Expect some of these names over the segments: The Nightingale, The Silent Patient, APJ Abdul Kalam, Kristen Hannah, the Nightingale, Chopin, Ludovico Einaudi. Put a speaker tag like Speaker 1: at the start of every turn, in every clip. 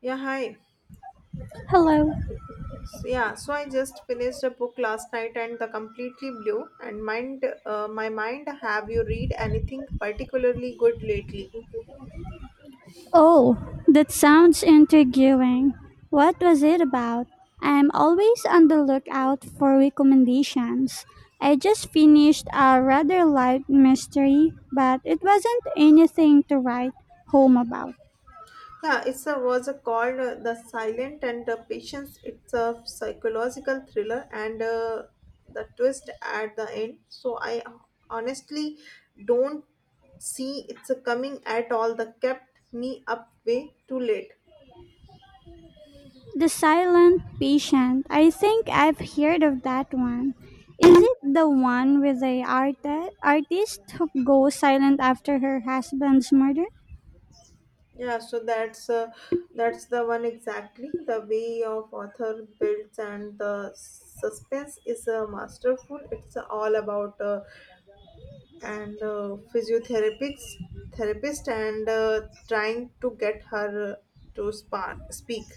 Speaker 1: Yeah, hi.
Speaker 2: Hello.
Speaker 1: So I just finished a book last night and the completely blew and mind my mind. Have you read anything particularly good lately?
Speaker 2: Oh, that sounds intriguing. What was it about? I'm always on the lookout for recommendations. I just finished a rather light mystery, but it wasn't anything to write home about.
Speaker 1: Yeah, it's a was a called The Silent and the Patience. It's a psychological thriller and the twist at the end. So I honestly don't see it's a coming at all. That kept me up way too late.
Speaker 2: The Silent Patient. I think I've heard of that one. Is it the one with the artist who goes silent after her husband's murder?
Speaker 1: Yeah, so that's the one exactly. The way of author builds and the suspense is masterful. It's all about and physiotherapists therapist and trying to get her to speak.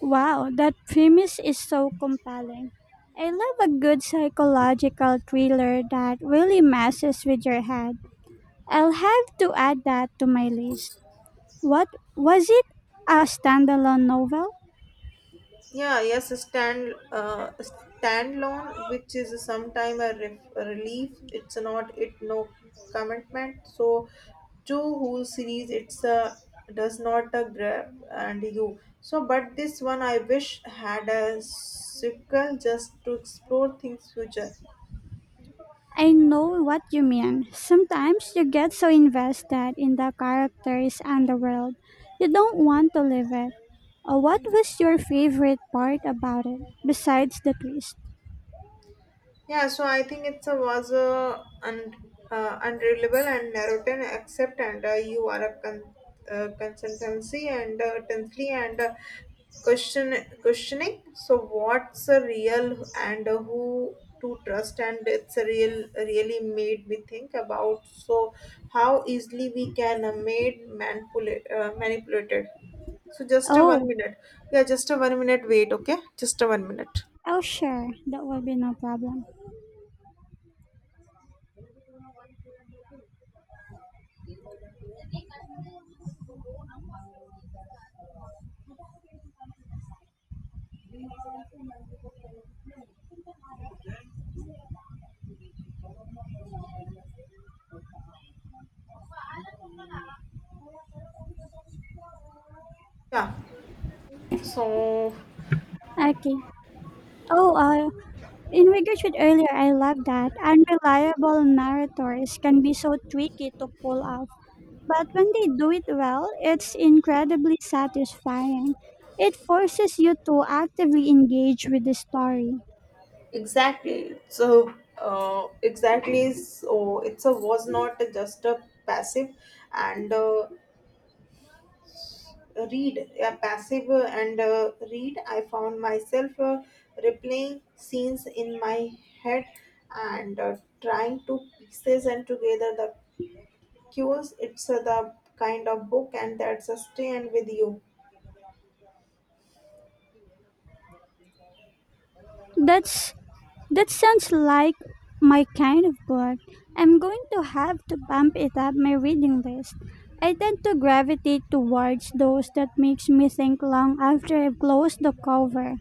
Speaker 2: Wow, that premise is so compelling. I love a good psychological thriller that really messes with your head. I'll have to add that to my list. What was it? A standalone novel?
Speaker 1: Yeah, yes, a standalone, which is sometime a relief. It's not it, no commitment. So two whole series, it's a does not a grab and you. So, but this one I wish had a sequel just to explore things future.
Speaker 2: I know what you mean. Sometimes you get so invested in the characters and the world, you don't want to leave it. What was your favorite part about it, besides the twist?
Speaker 1: Yeah, so I think it's a was a unreliable and narrative accept and you are a consultancy and tensely and question questioning So what's a real and who to trust, and it's a real really made me think about so how easily we can made manipulate manipulated. So just a one
Speaker 2: Oh,
Speaker 1: minute. Yeah, just a 1 minute. Wait, okay, just a 1 minute.
Speaker 2: I'll share. That will be no problem.
Speaker 1: Yeah. So.
Speaker 2: Okay. Oh, uh, in regards to earlier, I love that unreliable narrators can be so tricky to pull off. But when they do it well, it's incredibly satisfying. It forces you to actively engage with the story.
Speaker 1: Exactly. So, it's a was not just a passive and read. I found myself replaying scenes in my head and trying to pieces and together the cues. It's the kind of book and that's a stay and with you.
Speaker 2: That's that sounds like my kind of book. I'm going to have to bump it up my reading list. I tend to gravitate towards those that makes me think long after I've closed the cover.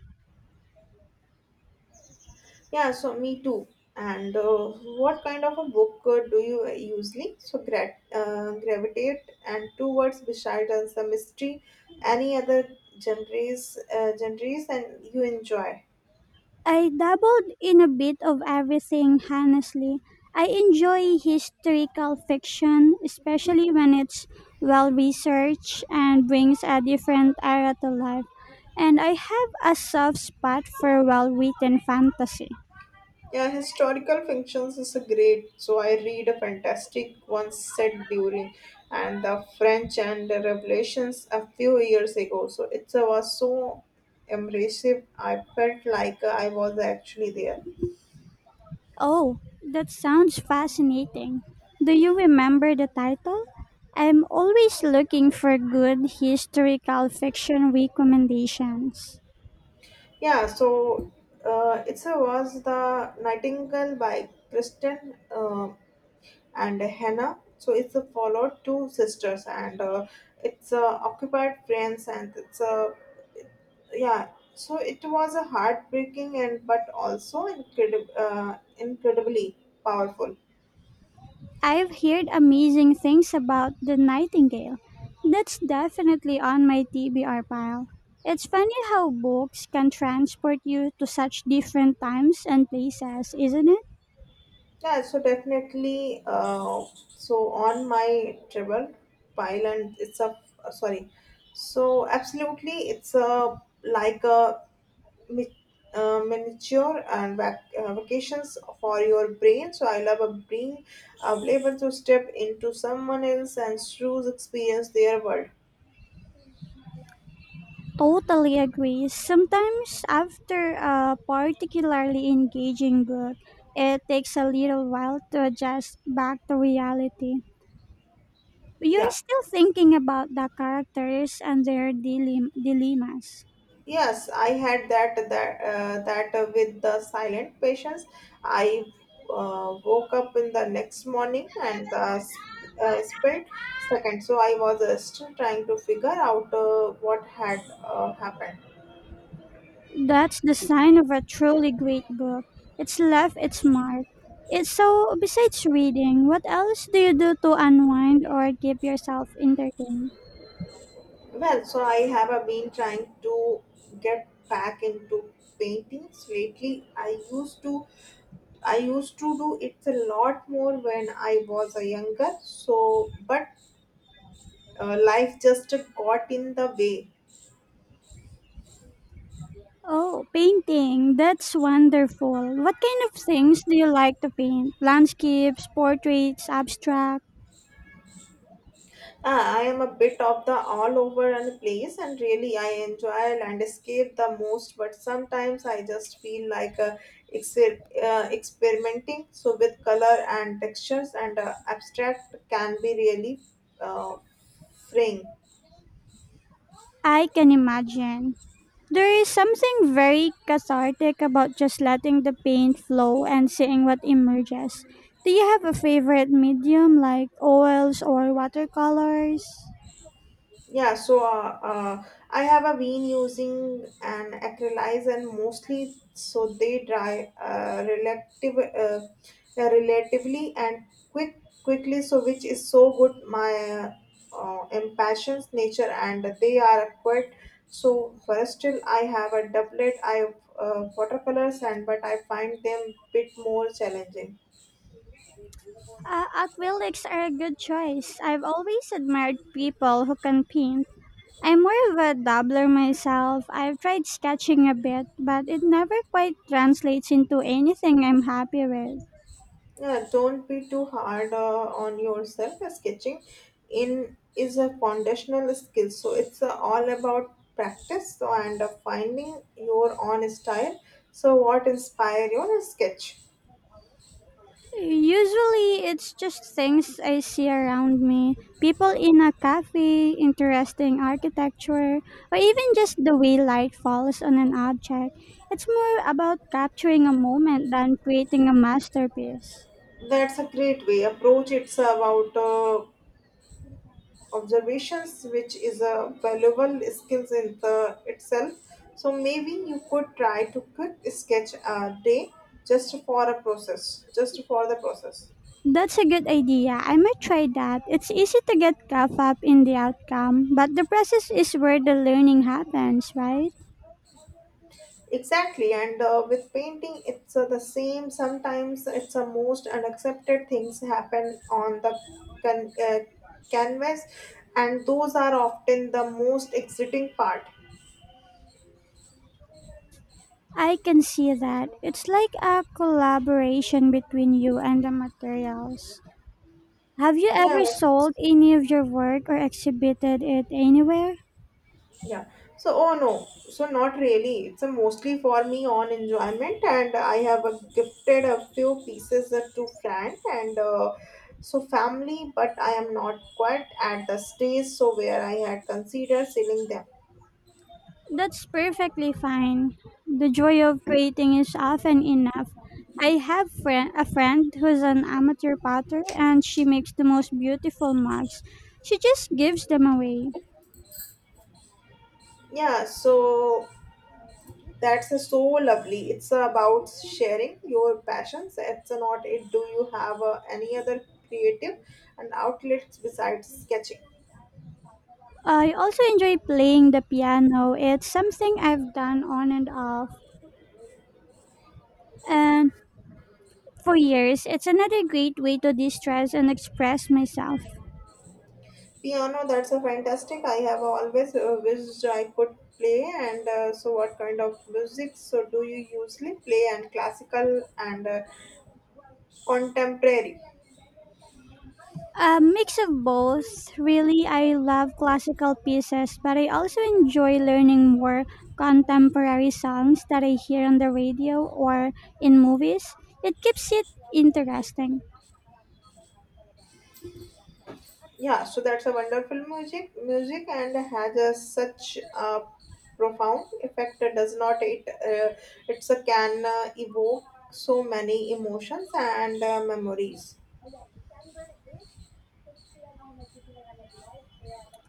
Speaker 1: Yeah, so me too. And what kind of a book do you usually so gravitate and towards besides the mystery, any other genres and you enjoy?
Speaker 2: I dabbled in a bit of everything, honestly. I enjoy historical fiction, especially when it's well researched and brings a different era to life. And I have a soft spot for well written fantasy.
Speaker 1: Yeah, historical fictions is a great. So I read a fantastic one set during and the French and the Revelations a few years ago. So it was so immersive. I felt like I was actually there.
Speaker 2: Oh, that sounds fascinating. Do you remember the title? I'm always looking for good historical fiction recommendations.
Speaker 1: Yeah, so it was the Nightingale by Kristen and Hannah. So it's a followed two sisters, and it's occupied France, and it's a yeah. So it was a heartbreaking and but also incredibly powerful.
Speaker 2: I've heard amazing things about the Nightingale. That's definitely on my TBR pile. It's funny how books can transport you to such different times and places, isn't it?
Speaker 1: Yeah, so definitely. So on my travel pile, and it's a sorry. So absolutely, it's a like a mi- miniature vacations for your brain. So I love a being able to step into someone else and through experience their world.
Speaker 2: Totally agree. Sometimes after a particularly engaging book, it takes a little while to adjust back to reality. You're
Speaker 1: Yeah.
Speaker 2: still thinking about the characters and their dilemmas.
Speaker 1: Yes, I had that with the silent patients. I woke up in the next morning, and spent second. So I was still trying to figure out what had happened.
Speaker 2: That's the sign of a truly great book. It's left its mark. It's so besides reading, what else do you do to unwind or keep yourself entertained?
Speaker 1: Well, so I have been trying to get back into paintings lately. I used to do it a lot more when I was a younger. So, but life just got in the way.
Speaker 2: Oh, painting. That's wonderful. What kind of things do you like to paint? Landscapes, portraits, abstract?
Speaker 1: Ah, I am a bit of the all over and place, and really I enjoy landscape the most. But sometimes I just feel like experimenting. So with color and textures and abstract can be really. Uh, Fraying.
Speaker 2: I can imagine. There is something very cathartic about just letting the paint flow and seeing what emerges. Do you have a favorite medium like oils or watercolors?
Speaker 1: Yeah, I have a been using an acrylics and mostly so they dry uh, uh, relatively and quickly. So which is so good. My impassions nature and they are quite so first still I have a doublet. I have watercolors and but I find them bit more challenging.
Speaker 2: Acrylics are a good choice. I've always admired people who can paint. I'm more of a dabbler myself. I've tried sketching a bit, but it never quite translates into anything I'm happy with.
Speaker 1: Yeah, don't be too hard on yourself. Sketching in is a foundational skill, so it's all about practice so, and finding your own style. So, what inspire your sketch?
Speaker 2: Usually, it's just things I see around me. People in a cafe, interesting architecture, or even just the way light falls on an object. It's more about capturing a moment than creating a masterpiece.
Speaker 1: That's a great way approach. It's about observations, which is a valuable skills in the itself. So maybe you could try to quick sketch a day just for the process.
Speaker 2: That's a good idea. I might try that. It's easy to get caught up in the outcome, but the process is where the learning happens, right?
Speaker 1: Exactly, and with painting, it's the same. Sometimes it's the most unaccepted things happen on the can- uh, canvas, and those are often the most exciting part.
Speaker 2: I can see that. It's like a collaboration between you and the materials. Have you
Speaker 1: Yeah,
Speaker 2: ever sold any of your work or exhibited it anywhere?
Speaker 1: yeah. So, oh no, so not really. It's a mostly for me on enjoyment, and I have gifted a few pieces to friend and family, but I am not quite at the stage so where I had considered selling them.
Speaker 2: That's perfectly fine. The joy of creating is often enough. A friend who's an amateur potter and she makes the most beautiful mugs. She just gives them away.
Speaker 1: Yeah, so that's so lovely. It's about sharing your passions. It's not it. Do you have any other creative and outlets besides sketching?
Speaker 2: I also enjoy playing the piano. It's something I've done on and off and for years. It's another great way to de-stress and express myself.
Speaker 1: Piano, that's a fantastic. I have always wished I could play. And so, what kind of music? So, do you usually play and classical and contemporary?
Speaker 2: A mix of both. Really, I love classical pieces, but I also enjoy learning more contemporary songs that I hear on the radio or in movies. It keeps it interesting.
Speaker 1: Yeah, so that's a wonderful music and has a, such a profound effect, does not it? Uh, it's a can evoke so many emotions and memories.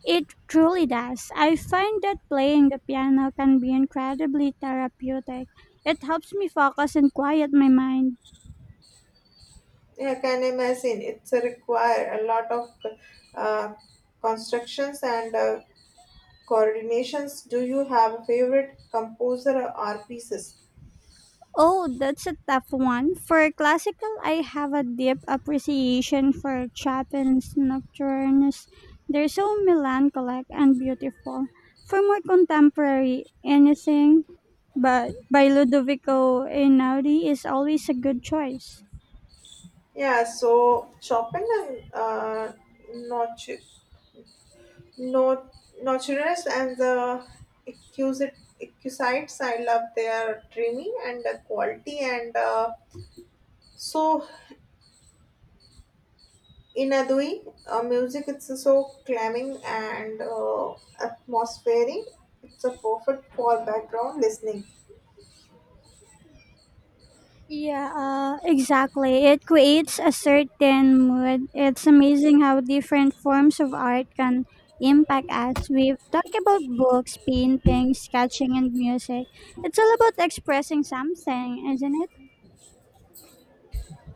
Speaker 2: It truly does. I find that playing the piano can be incredibly therapeutic. It helps me focus and quiet my mind.
Speaker 1: Yeah, I can imagine it's a require a lot of uh, constructions and coordinations. Do you have a favorite composer or pieces?
Speaker 2: Oh, that's a tough one. For classical, I have a deep appreciation for Chopin's Nocturnes. They're so melancholic and beautiful. For more contemporary, anything but by Ludovico Einaudi is always a good choice.
Speaker 1: Yeah, so Chopin and not Not nocturnes and the Accusit- Accusites. I love their dreaming and the quality and so in Adui, music it's so calming and atmospheric. It's a perfect for background listening.
Speaker 2: Yeah, exactly. It creates a certain mood. It's amazing how different forms of art can impact us. We've talked about books, paintings, sketching, and music. It's all about expressing something, isn't it?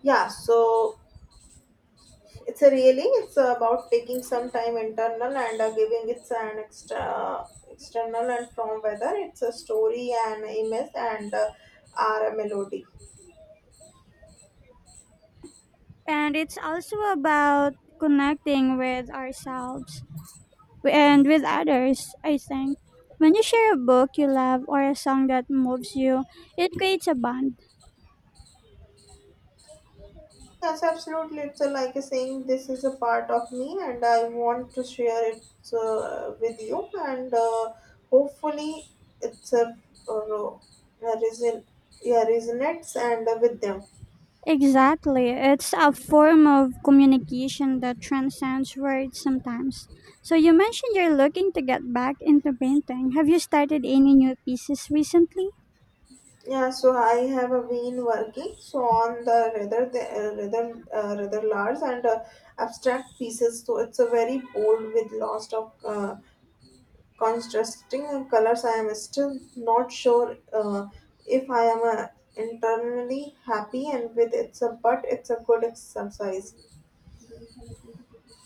Speaker 1: Yeah, so it's a really it's about taking some time internal and giving it an extra external and from whether it's a story and image and or a melody.
Speaker 2: And it's also about connecting with ourselves and with others, I think. When you share a book you love or a song that moves you, it creates a bond.
Speaker 1: Yes, absolutely. It's like a saying, this is a part of me, and I want to share it with you. And hopefully, it's a uh, uh, reason, yeah, resonates and with them.
Speaker 2: Exactly. It's a form of communication that transcends words sometimes. So, you mentioned you're looking to get back into painting. Have you started any new pieces recently?
Speaker 1: Yeah, so I have been working so on the, rather rather large and abstract pieces. So it's a very bold with lots of contrasting colors. I am still not sure if I am internally happy and with it's a, but it's a good exercise.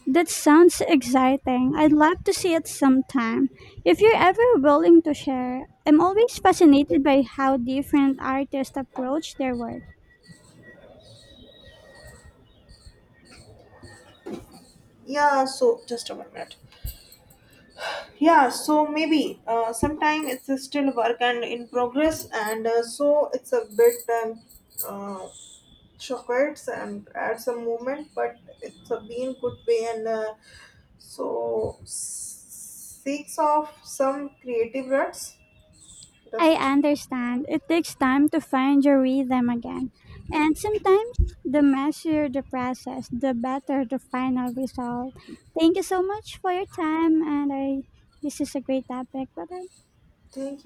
Speaker 2: That sounds exciting. I'd love to see it sometime. If you're ever willing to share, I'm always fascinated by how different artists approach their work.
Speaker 1: Yeah, so just a 1 minute. Yeah, so maybe sometime it's still work and in progress, and so it's a bit um, uh, chocolates and add some movement, but it's a been good way and seeks of some creative ruts.
Speaker 2: I
Speaker 1: Just
Speaker 2: understand. It takes time to find your rhythm again. And sometimes the messier the process, the better the final result. Thank you so much for your time and I this is a great topic. Bye bye.
Speaker 1: thank